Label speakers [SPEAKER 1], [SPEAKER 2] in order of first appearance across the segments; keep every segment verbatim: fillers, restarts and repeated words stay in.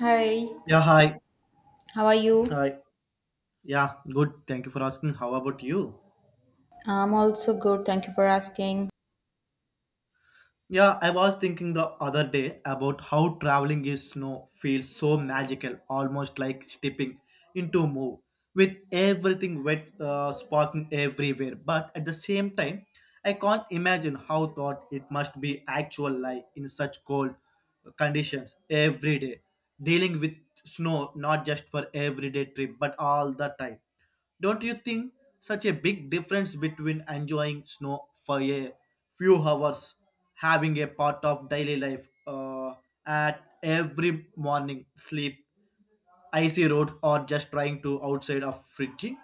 [SPEAKER 1] Hi,
[SPEAKER 2] Yeah, hi.
[SPEAKER 1] how are you?
[SPEAKER 2] Hi. Yeah, good. Thank you for asking. How about you?
[SPEAKER 1] I'm also good. Thank you for asking.
[SPEAKER 2] Yeah, I was thinking the other day about how traveling in snow feels so magical, almost like stepping into a move with everything wet, uh, sparking everywhere. But at the same time, I can't imagine how thought it must be actual life in such cold conditions every day, dealing with snow not just for everyday trip but all the time. Don't you think such a big difference between enjoying snow for a few hours, having a part of daily life uh, at every morning sleep, icy roads, or just trying to outside of fridging?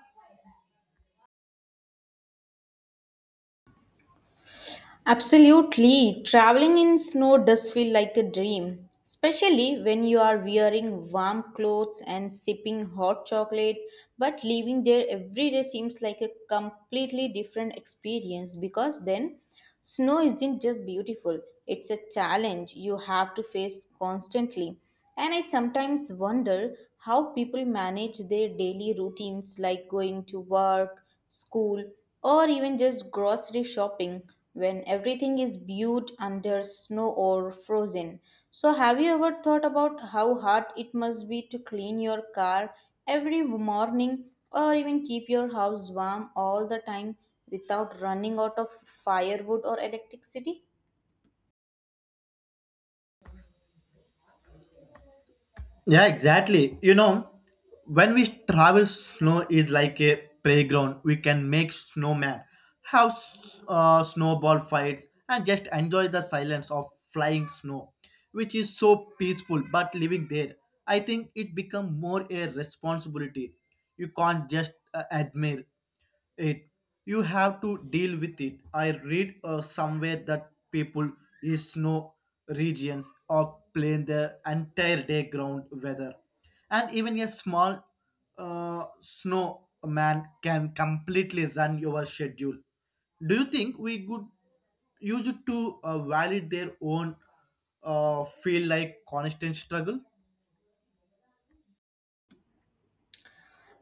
[SPEAKER 1] Absolutely. Traveling in snow does feel like a dream, especially when you are wearing warm clothes and sipping hot chocolate. But living there every day seems like a completely different experience because then snow isn't just beautiful, it's a challenge you have to face constantly. And I sometimes wonder how people manage their daily routines like going to work, school, or even just grocery shopping when everything is viewed under snow or frozen. So, have you ever thought about how hard it must be to clean your car every morning or even keep your house warm all the time without running out of firewood or electricity?
[SPEAKER 2] Yeah, exactly. You know, when we travel, snow is like a playground. We can make snowman, have s- uh, snowball fights, and just enjoy the silence of flying snow, which is so peaceful. But living there, I think it become more a responsibility. You can't just uh, admire it, you have to deal with it. I read uh, somewhere that people in snow regions of plain the entire day ground weather, and even a small uh, snow man can completely run your schedule. Do you think we could use it to uh, validate their own uh, feel like constant struggle?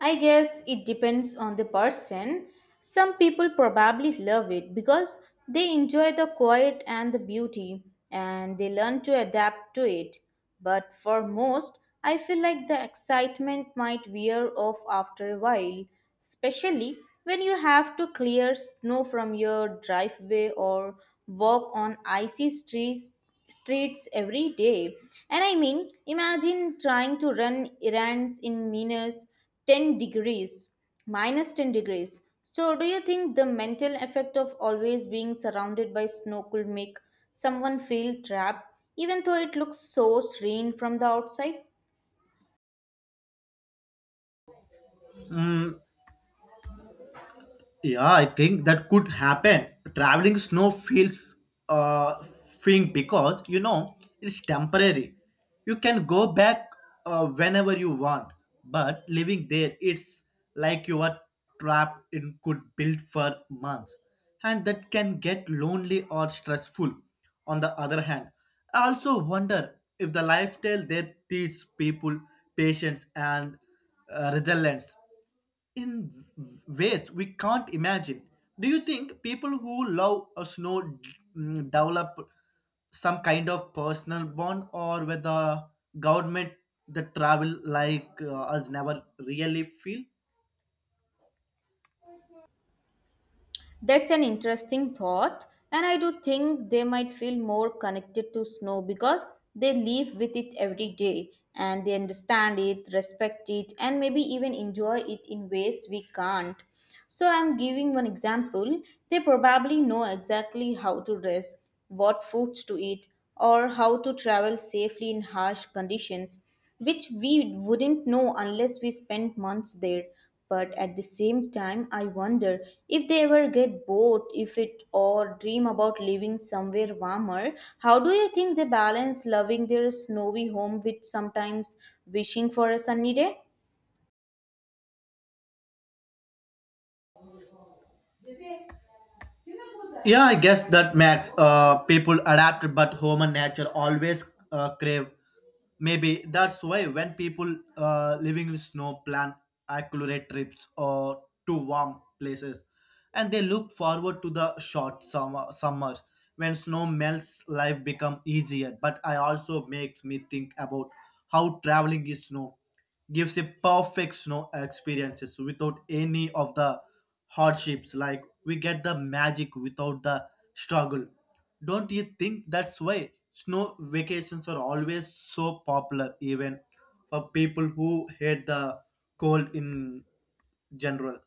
[SPEAKER 1] I guess it depends on the person. Some people probably love it because they enjoy the quiet and the beauty and they learn to adapt to it. But for most, I feel like the excitement might wear off after a while, especially when you have to clear snow from your driveway or walk on icy streets streets every day. And I mean, imagine trying to run errands in Minas ten degrees, minus ten degrees. So, do you think the mental effect of always being surrounded by snow could make someone feel trapped, even though it looks so serene from the outside?
[SPEAKER 2] Yeah, I think that could happen. Traveling snow feels uh freeing because you know it's temporary. You can go back uh, whenever you want, but living there, it's like you are trapped in could build for months, and that can get lonely or stressful. On the other hand, I also wonder if the lifestyle there teaches people patience and uh, resilience in ways we can't imagine. Do you think people who love a snow mm, develop some kind of personal bond, or whether government the travel like uh, us never really feel?
[SPEAKER 1] That's an interesting thought, and I do think they might feel more connected to snow because they live with it every day and they understand it, respect it, and maybe even enjoy it in ways we can't. So, I'm giving one example. They probably know exactly how to dress, what foods to eat, or how to travel safely in harsh conditions which we wouldn't know unless we spent months there. But at the same time, I wonder if they ever get bored if it or dream about living somewhere warmer. How do you think they balance loving their snowy home with sometimes wishing for a sunny day?
[SPEAKER 2] Yeah, I guess that makes uh, people adapt, but human nature always uh, crave. Maybe that's why when people uh, living in snow plan accurate trips or to warm places, and they look forward to the short summer summers when snow melts. Life become easier, but I also makes me think about how traveling in snow gives a perfect snow experiences without any of the hardships, like we get the magic without the struggle. Don't you think that's why snow vacations are always so popular, even for people who hate the cold in general?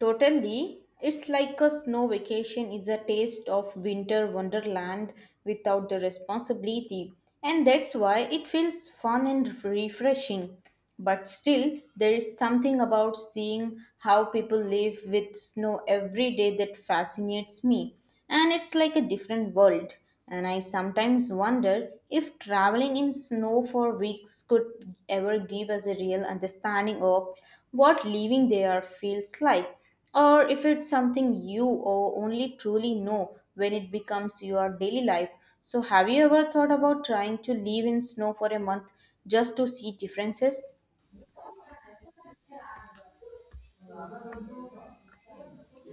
[SPEAKER 1] Totally. It's like a snow vacation is a taste of winter wonderland without the responsibility. And that's why it feels fun and refreshing. But still, there is something about seeing how people live with snow every day that fascinates me. And it's like a different world. And I sometimes wonder if traveling in snow for weeks could ever give us a real understanding of what living there feels like, or if it's something you o- only truly know when it becomes your daily life. So, have you ever thought about trying to live in snow for a month just to see differences?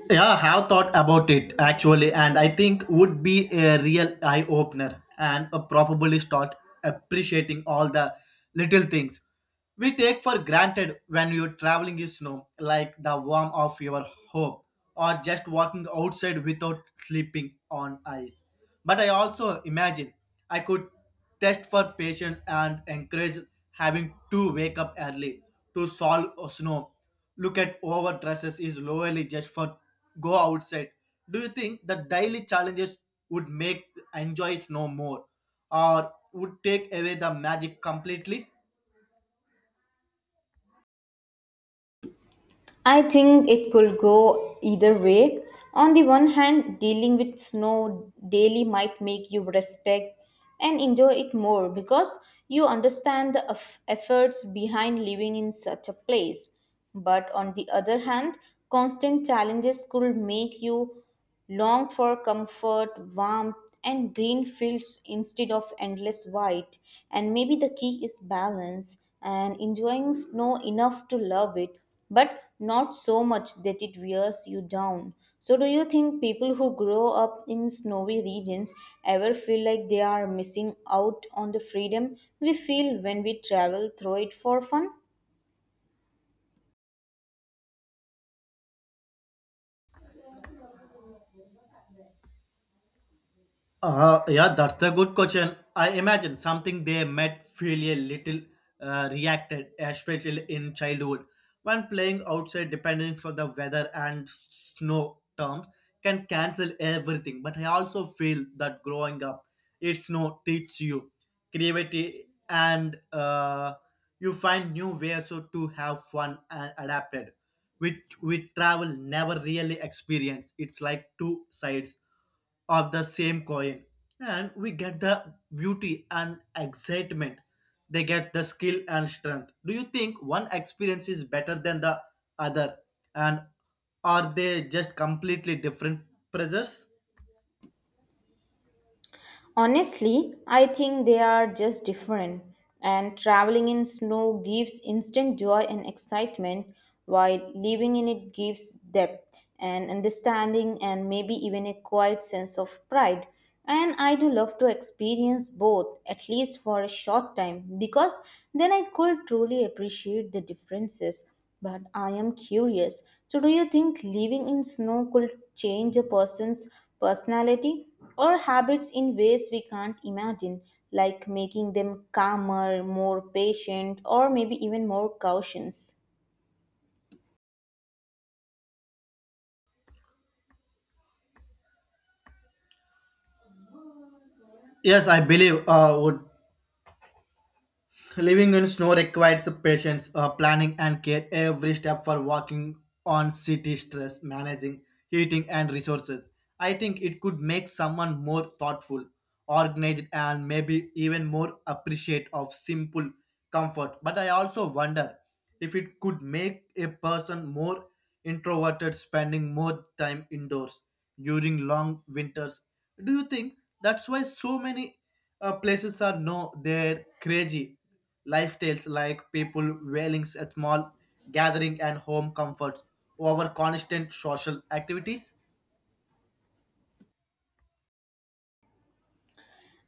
[SPEAKER 2] Yeah, I have thought about it, actually, and I think would be a real eye opener, and uh, probably start appreciating all the little things we take for granted when you're traveling in snow, like the warmth of your home or just walking outside without sleeping on ice. But I also imagine I could test for patience and encourage having to wake up early to solve uh, snow, look at overdresses is lowly just for go outside. Do you think the daily challenges would make enjoys no more, or would take away the magic completely?
[SPEAKER 1] I think it could go either way. On the one hand, dealing with snow daily might make you respect and enjoy it more because you understand the eff- efforts behind living in such a place. But on the other hand, constant challenges could make you long for comfort, warmth, and green fields instead of endless white. And maybe the key is balance and enjoying snow enough to love it, but not so much that it wears you down. So, do you think people who grow up in snowy regions ever feel like they are missing out on the freedom we feel when we travel through it for fun?
[SPEAKER 2] Uh, yeah, that's a good question. I imagine something they might feel a little uh, reacted, especially in childhood, when playing outside, depending on the weather and s- snow terms, can cancel everything. But I also feel that growing up, it's no teach you creativity, and uh, you find new ways so to have fun and adapted, which we travel never really experience. It's like two sides of the same coin. And we get the beauty and excitement. They get the skill and strength. Do you think one experience is better than the other? And are they just completely different pleasures?
[SPEAKER 1] Honestly, I think they are just different, and traveling in snow gives instant joy and excitement, while living in it gives depth and understanding, and maybe even a quiet sense of pride. And I do love to experience both, at least for a short time, because then I could truly appreciate the differences but I am curious. So, do you think living in snow could change a person's personality or habits in ways we can't imagine, like making them calmer, more patient, or maybe even more cautious?
[SPEAKER 2] Yes, I believe uh, would. Living in snow requires patience, uh, planning, and care every step, for walking on city stress, managing heating and resources. I think it could make someone more thoughtful, organized, and maybe even more appreciate of simple comfort. But I also wonder if it could make a person more introverted, spending more time indoors during long winters. Do you think that's why so many uh, places are no they're crazy lifestyles, like people wailing at small gathering and home comforts over constant social activities?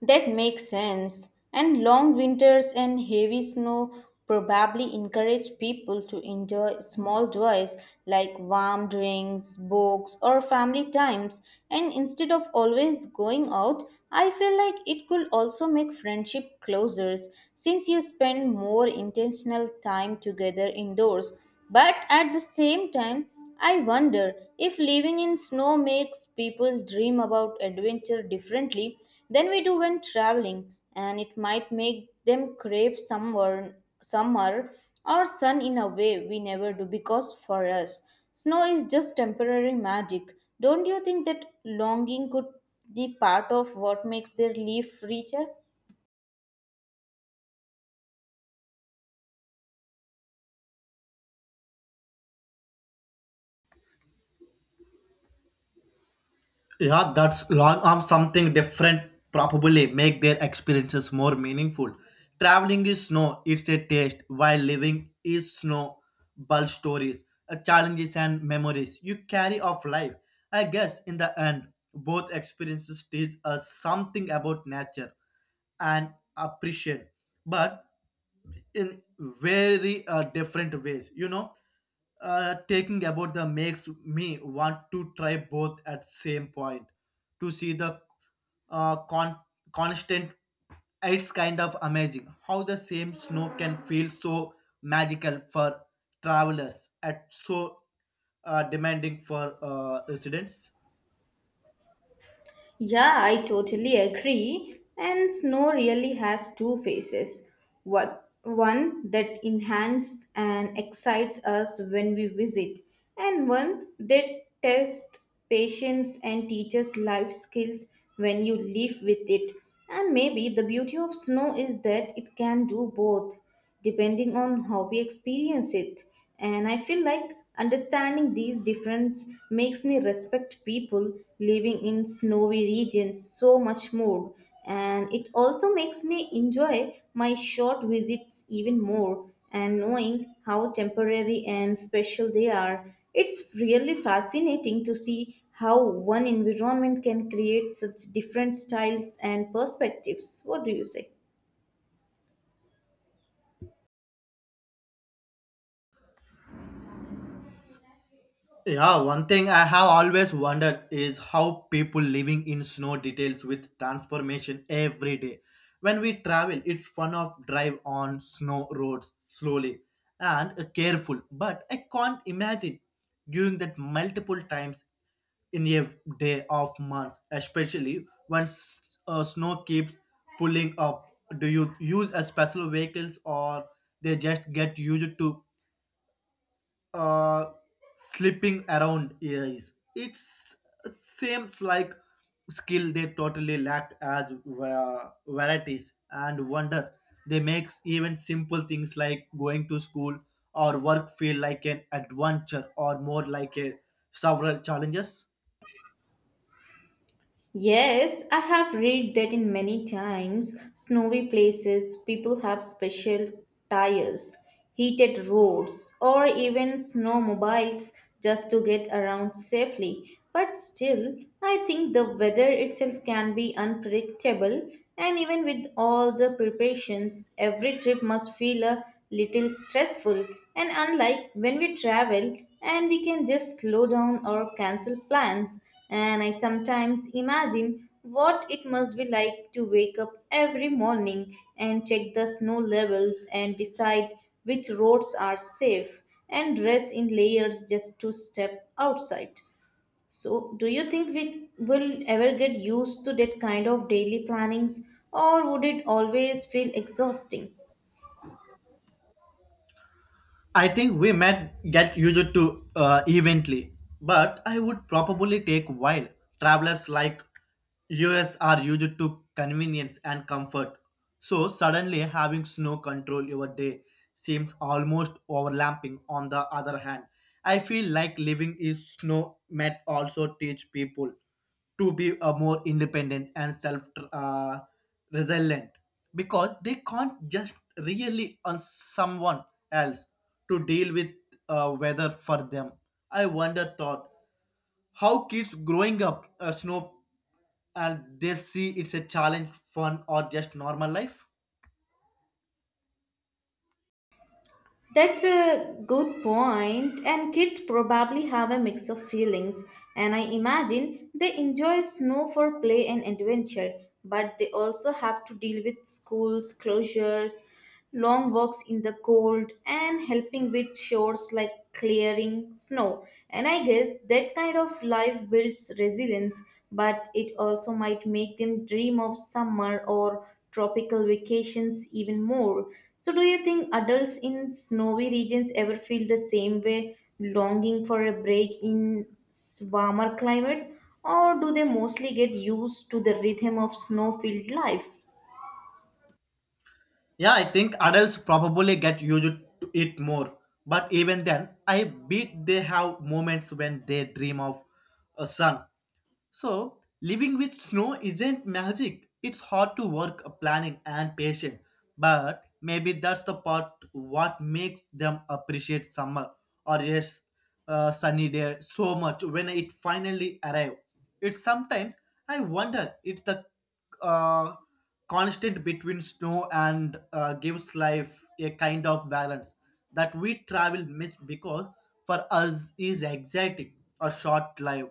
[SPEAKER 1] That makes sense. And long winters and heavy snow probably encourage people to enjoy small joys like warm drinks, books, or family times. And instead of always going out, I feel like it could also make friendship closer since you spend more intentional time together indoors. But at the same time, I wonder if living in snow makes people dream about adventure differently than we do when traveling, and it might make them crave summer, summer or sun in a way we never do because for us, snow is just temporary magic. Don't you think that longing could be part of what makes their life richer?
[SPEAKER 2] Yeah, that's long arm something different, probably make their experiences more meaningful. Traveling is snow it's a taste, while living is snow bull stories, uh, challenges and memories you carry of life. I guess in the end both experiences teach us something about nature and appreciate, but in very uh, different ways, you know. Uh, taking about the makes me want to try both at same point to see the uh, con- constant. It's kind of amazing how the same snow can feel so magical for travelers at so uh, demanding for uh, residents.
[SPEAKER 1] Yeah, I totally agree. And snow really has two faces. What one that enhances and excites us when we visit, and one that tests patience and teaches life skills when you live with it. And maybe the beauty of snow is that it can do both depending on how we experience it. And I feel like understanding these differences makes me respect people living in snowy regions so much more. And it also makes me enjoy my short visits even more and knowing how temporary and special they are. It's really fascinating to see how one environment can create such different styles and perspectives. What do you say?
[SPEAKER 2] Yeah, one thing I have always wondered is how people living in snow details with transformation every day. When we travel, it's fun of drive on snow roads slowly and careful, but I can't imagine doing that multiple times in a day of months, especially when s- uh, snow keeps pulling up. Do you use a special vehicles, or they just get used to uh, slipping around? Is it's seems like skill they totally lacked as va- varieties, and wonder they makes even simple things like going to school or work feel like an adventure, or more like a several challenges.
[SPEAKER 1] Yes, I have read that in many times snowy places people have special tires, heated roads, or even snowmobiles just to get around safely. But still, I think the weather itself can be unpredictable, and even with all the preparations, every trip must feel a little stressful. And unlike when we travel and we can just slow down or cancel plans, and I sometimes imagine what it must be like to wake up every morning and check the snow levels and decide which roads are safe and dress in layers just to step outside. So, do you think we will ever get used to that kind of daily plannings or would it always feel exhausting?
[SPEAKER 2] I think we might get used to uh, eventually, but I would probably take a while. Travelers like US are used to convenience and comfort, so suddenly having snow control your day seems almost overlapping. On the other hand, I feel like living in snow might also teach people to be uh, more independent and self uh, resilient, because they can't just really on someone else to deal with uh, weather for them. I wonder thought how kids growing up uh, snow and they see it's a challenge fun, or just normal life.
[SPEAKER 1] That's a good point, and kids probably have a mix of feelings. And I imagine they enjoy snow for play and adventure, but they also have to deal with schools closures, long walks in the cold, and helping with chores like clearing snow. And I guess that kind of life builds resilience, but it also might make them dream of summer or tropical vacations even more. So, do you think adults in snowy regions ever feel the same way, longing for a break in s- warmer climates, or do they mostly get used to the rhythm of snow filled life?
[SPEAKER 2] Yeah, I think adults probably get used to it more, but even then I bet they have moments when they dream of a sun. So, living with snow isn't magic. It's hard to work, planning, and patience. But maybe that's the part what makes them appreciate summer, or yes, uh, sunny day, so much when it finally arrives. It's sometimes I wonder it's the uh, constant between snow and uh, gives life a kind of balance that we travel miss, because for us is exciting or short life.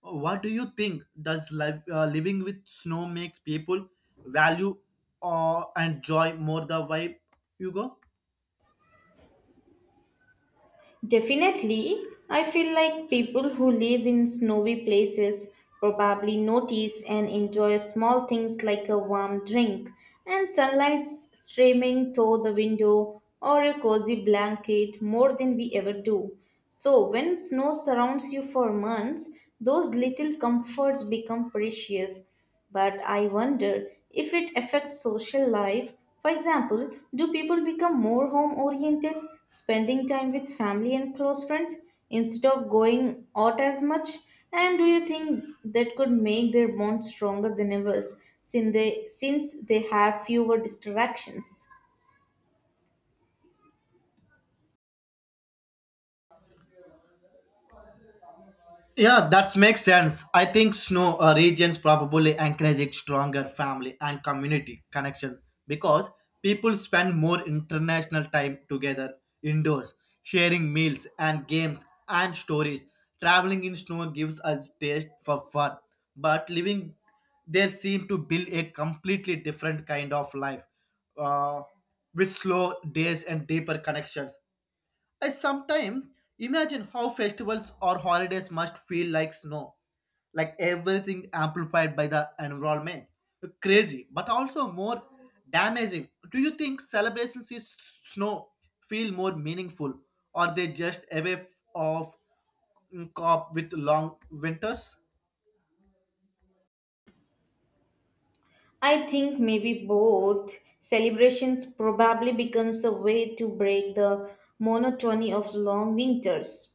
[SPEAKER 2] What do you think? Does life uh, living with snow makes people value uh, and joy more the vibe you go?
[SPEAKER 1] Definitely, I feel like people who live in snowy places probably notice and enjoy small things like a warm drink and sunlight streaming through the window or a cozy blanket more than we ever do. So, when snow surrounds you for months, those little comforts become precious but I wonder if it affects social life. For example, do people become more home oriented, spending time with family and close friends instead of going out as much? And do you think that could make their bond stronger than ever since they, since they have fewer distractions?
[SPEAKER 2] Yeah, that makes sense. I think snow uh, regions probably encourage stronger family and community connection, because people spend more international time together indoors, sharing meals and games and stories. Traveling in snow gives us taste for fun, but living there seem to build a completely different kind of life, uh, with slow days and deeper connections. I sometimes imagine how festivals or holidays must feel like snow, like everything amplified by the environment. Crazy, but also more damaging. Do you think celebrations in snow feel more meaningful, or they just a way f- of mm, cope with long winters?
[SPEAKER 1] I think maybe both. Celebrations probably becomes a way to break the monotony of long winters.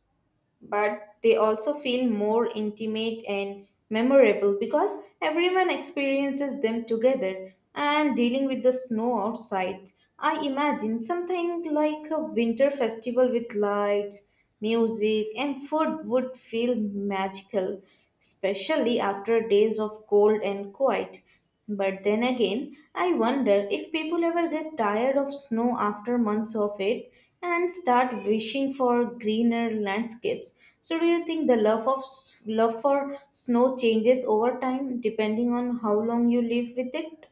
[SPEAKER 1] But they also feel more intimate and memorable because everyone experiences them together and dealing with the snow outside. I imagine something like a winter festival with lights, music, and food would feel magical, especially after days of cold and quiet. But then again, I wonder if people ever get tired of snow after months of it and start wishing for greener landscapes. So, do you think the love of s- love for snow changes over time depending on how long you live with it?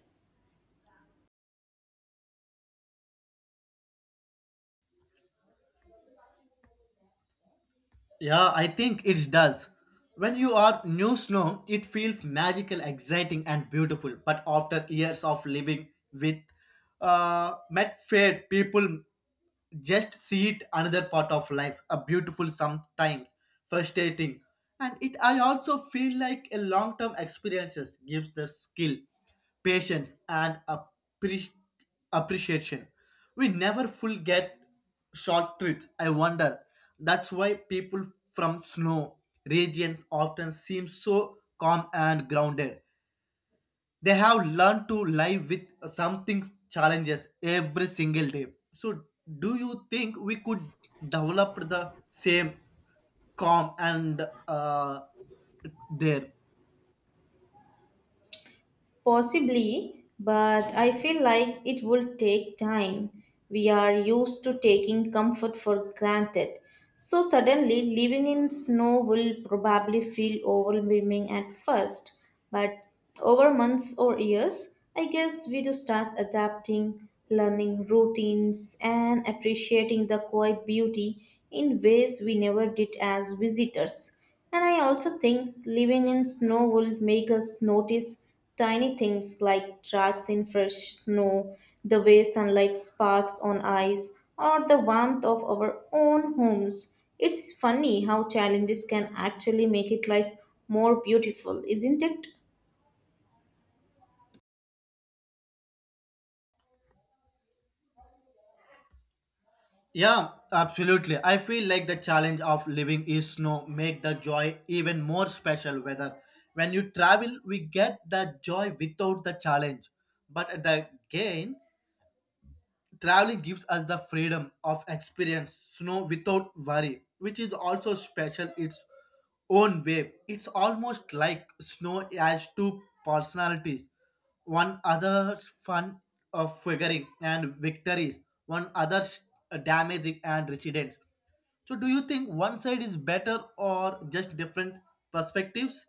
[SPEAKER 2] Yeah, I think it does. When you are new snow, it feels magical, exciting, and beautiful. But after years of living with uh, met fade, people just see it another part of life, a beautiful sometimes frustrating. And it, I also feel like a long term experiences gives the skill, patience and appre- appreciation we never full get short trips. I wonder that's why people from snow regions often seem so calm and grounded. They have learned to live with something challenges every single day. So do you think we could develop the same calm and uh, there?
[SPEAKER 1] Possibly, but I feel like it will take time. We are used to taking comfort for granted. So, suddenly, living in snow will probably feel overwhelming at first. But over months or years, I guess we do start adapting, learning routines, and appreciating the quiet beauty in ways we never did as visitors. And I also think living in snow will make us notice tiny things like tracks in fresh snow, the way sunlight sparks on ice, or the warmth of our own homes. It's funny how challenges can actually make it life more beautiful, isn't it?
[SPEAKER 2] Yeah, absolutely, I feel like the challenge of living is snow make the joy even more special, whether when you travel we get the joy without the challenge, but at the gain. Traveling gives us the freedom of experience snow without worry, which is also special its own way. It's almost like snow has two personalities. One other's fun of figuring and victories, one other's damaging and residence. So do you think one side is better, or just different perspectives?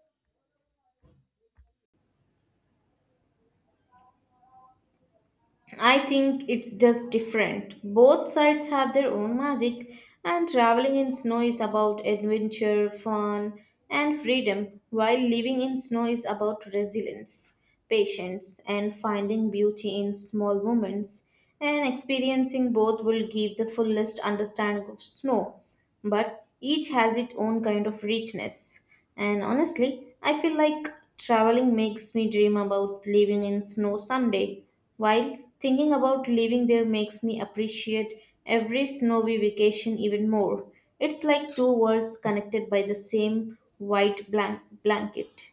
[SPEAKER 1] I think it's just different. Both sides have their own magic, and traveling in snow is about adventure, fun, and freedom, while living in snow is about resilience, patience, and finding beauty in small moments. And experiencing both will give the fullest understanding of snow, but each has its own kind of richness. And honestly, I feel like traveling makes me dream about living in snow someday while thinking about living there makes me appreciate every snowy vacation even more. It's like two worlds connected by the same white blank- blanket.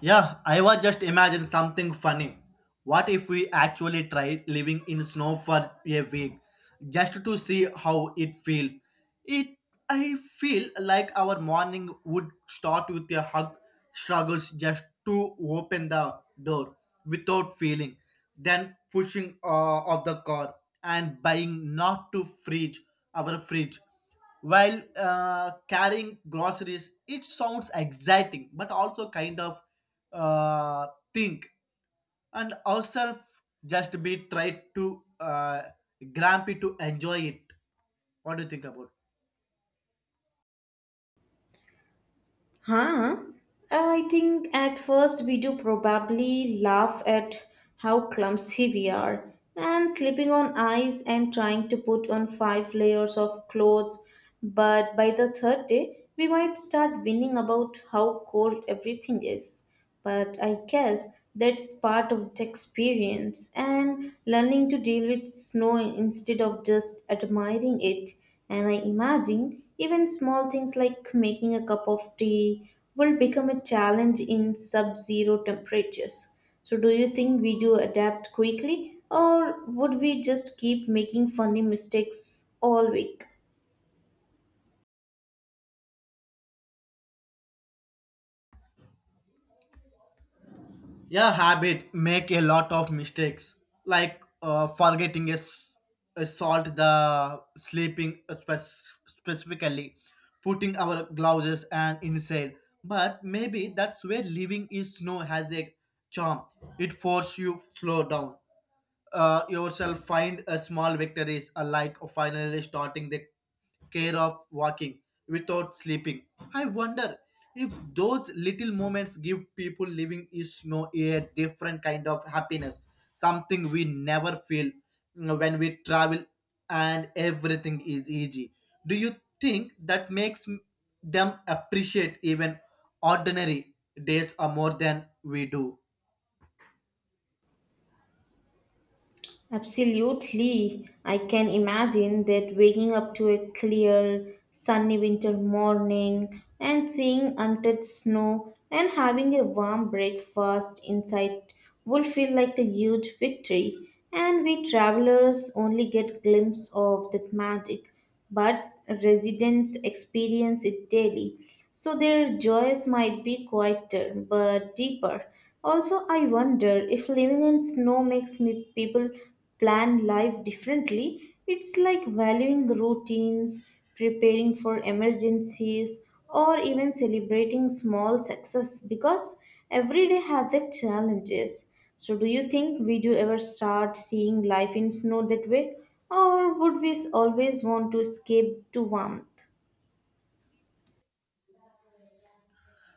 [SPEAKER 2] Yeah, I was just imagine something funny. What if we actually tried living in snow for a week just to see how it feels? It, I feel like our morning would start with a hug struggles just to open the door without feeling, then pushing uh, of the car and buying not to freeze our fridge while uh, carrying groceries. It sounds exciting, but also kind of uh, think, and ourselves just be try to uh, grumpy to enjoy it. What do you think about?
[SPEAKER 1] Huh? I think at first we do probably laugh at how clumsy we are and slipping on ice and trying to put on five layers of clothes. But by the third day, we might start whining about how cold everything is. But I guess that's part of the experience and learning to deal with snow instead of just admiring it. And I imagine even small things like making a cup of tea will become a challenge in sub zero temperatures. So, do you think we do adapt quickly, or would we just keep making funny mistakes all week?
[SPEAKER 2] Yeah, habit make a lot of mistakes, like uh, forgetting a, s- a salt the sleeping uh, spec- specifically, putting our gloves and inside. But maybe that's where living is snow has a charm. It forces you slow down, uh, yourself find a small victories, uh, like finally starting the care of walking without sleeping. I wonder if those little moments give people living in snow a different kind of happiness, something we never feel, you know, when we travel and everything is easy. Do you think that makes m- them appreciate even ordinary days, or more than we do?
[SPEAKER 1] Absolutely. I can imagine that waking up to a clear, sunny winter morning and seeing unted snow and having a warm breakfast inside would feel like a huge victory. And we travelers only get glimpse of that magic but residents experience it daily. So their joys might be quieter but deeper. Also, I wonder if living in snow makes me people plan life differently. It's like valuing routines, preparing for emergencies, or even celebrating small success because every day have their challenges. So do you think we do ever start seeing life in snow that way? Or would we always want to escape to warmth?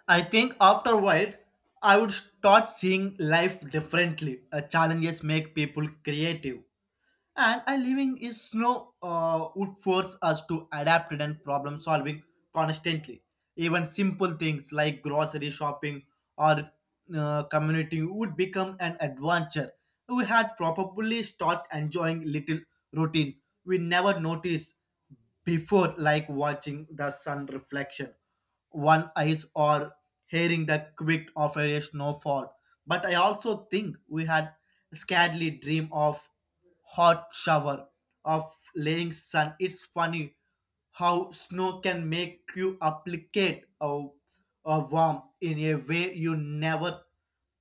[SPEAKER 2] I think after a while, I would start seeing life differently. Uh, challenges make people creative, and a living in snow uh, would force us to adapt and problem solving constantly. Even simple things like grocery shopping or uh, community would become an adventure. We had probably start enjoying little routines we never noticed before, like watching the sun reflection one eyes or hearing the quick of a snowfall. But I also think we had scarcely dream of hot shower of laying sun. It's funny how snow can make you applicate a, a warm in a way you never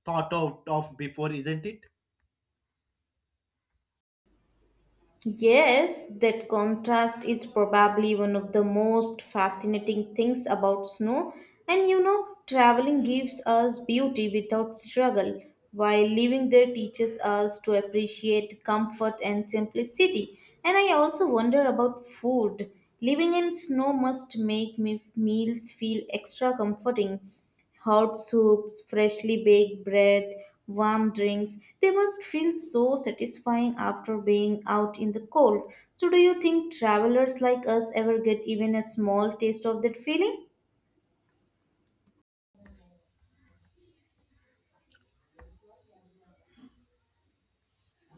[SPEAKER 2] thought out of before, isn't it?
[SPEAKER 1] Yes, that contrast is probably one of the most fascinating things about snow. And you know, traveling gives us beauty without struggle, while living there teaches us to appreciate comfort and simplicity. And I also wonder about food. Living in snow must make me meals feel extra comforting hot soups, freshly baked bread, warm drinks. They must feel so satisfying after being out in the cold. So, do you think travelers like us ever get even a small taste of that feeling?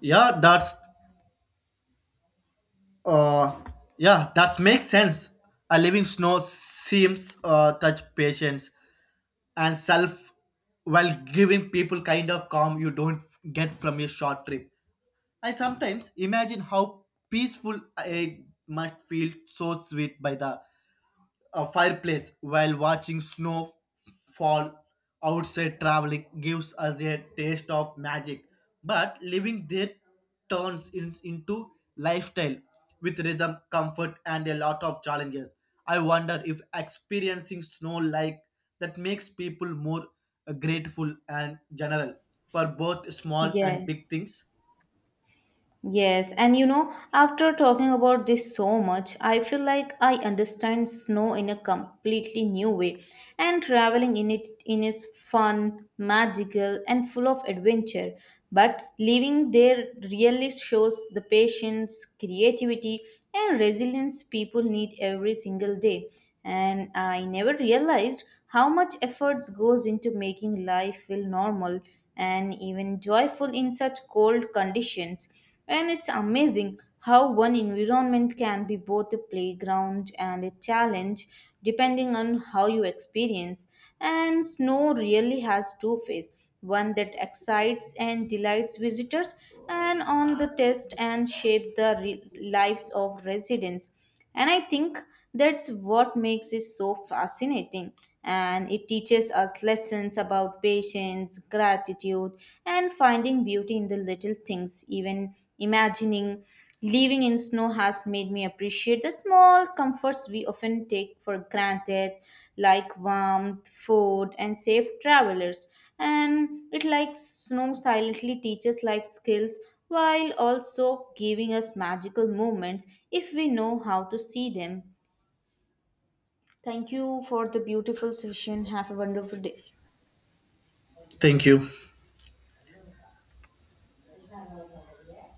[SPEAKER 2] yeah that's Uh, yeah, that makes sense. A living snow seems uh, touch patience and self, while giving people kind of calm you don't get from a short trip. I sometimes imagine how peaceful it must feel so sweet by the a fireplace while watching snow fall outside. Traveling gives us a taste of magic, but living there turns in, into lifestyle with rhythm comfort and a lot of challenges. I wonder if experiencing snow like that makes people more uh, grateful and general for both small and
[SPEAKER 1] Yeah.
[SPEAKER 2] big things.
[SPEAKER 1] Yes, and you know, after talking about this so much, I feel like I understand snow in a completely new way. And traveling in it in is fun, magical, and full of adventure. But living there really shows the patience, creativity, and resilience people need every single day. And I never realized how much efforts goes into making life feel normal and even joyful in such cold conditions and it's amazing how one environment can be both a playground and a challenge depending on how you experience. And snow really has two faces one that excites and delights visitors, and on the test and shape the re- lives of residents. And I think that's what makes it so fascinating. And it teaches us lessons about patience, gratitude, and finding beauty in the little things. Even imagining living in snow has made me appreciate the small comforts we often take for granted, like warmth, food, and safe travelers and it like snow silently teaches life skills while also giving us magical moments if we know how to see them. Thank you for the beautiful session. Have a wonderful day.
[SPEAKER 2] Thank you.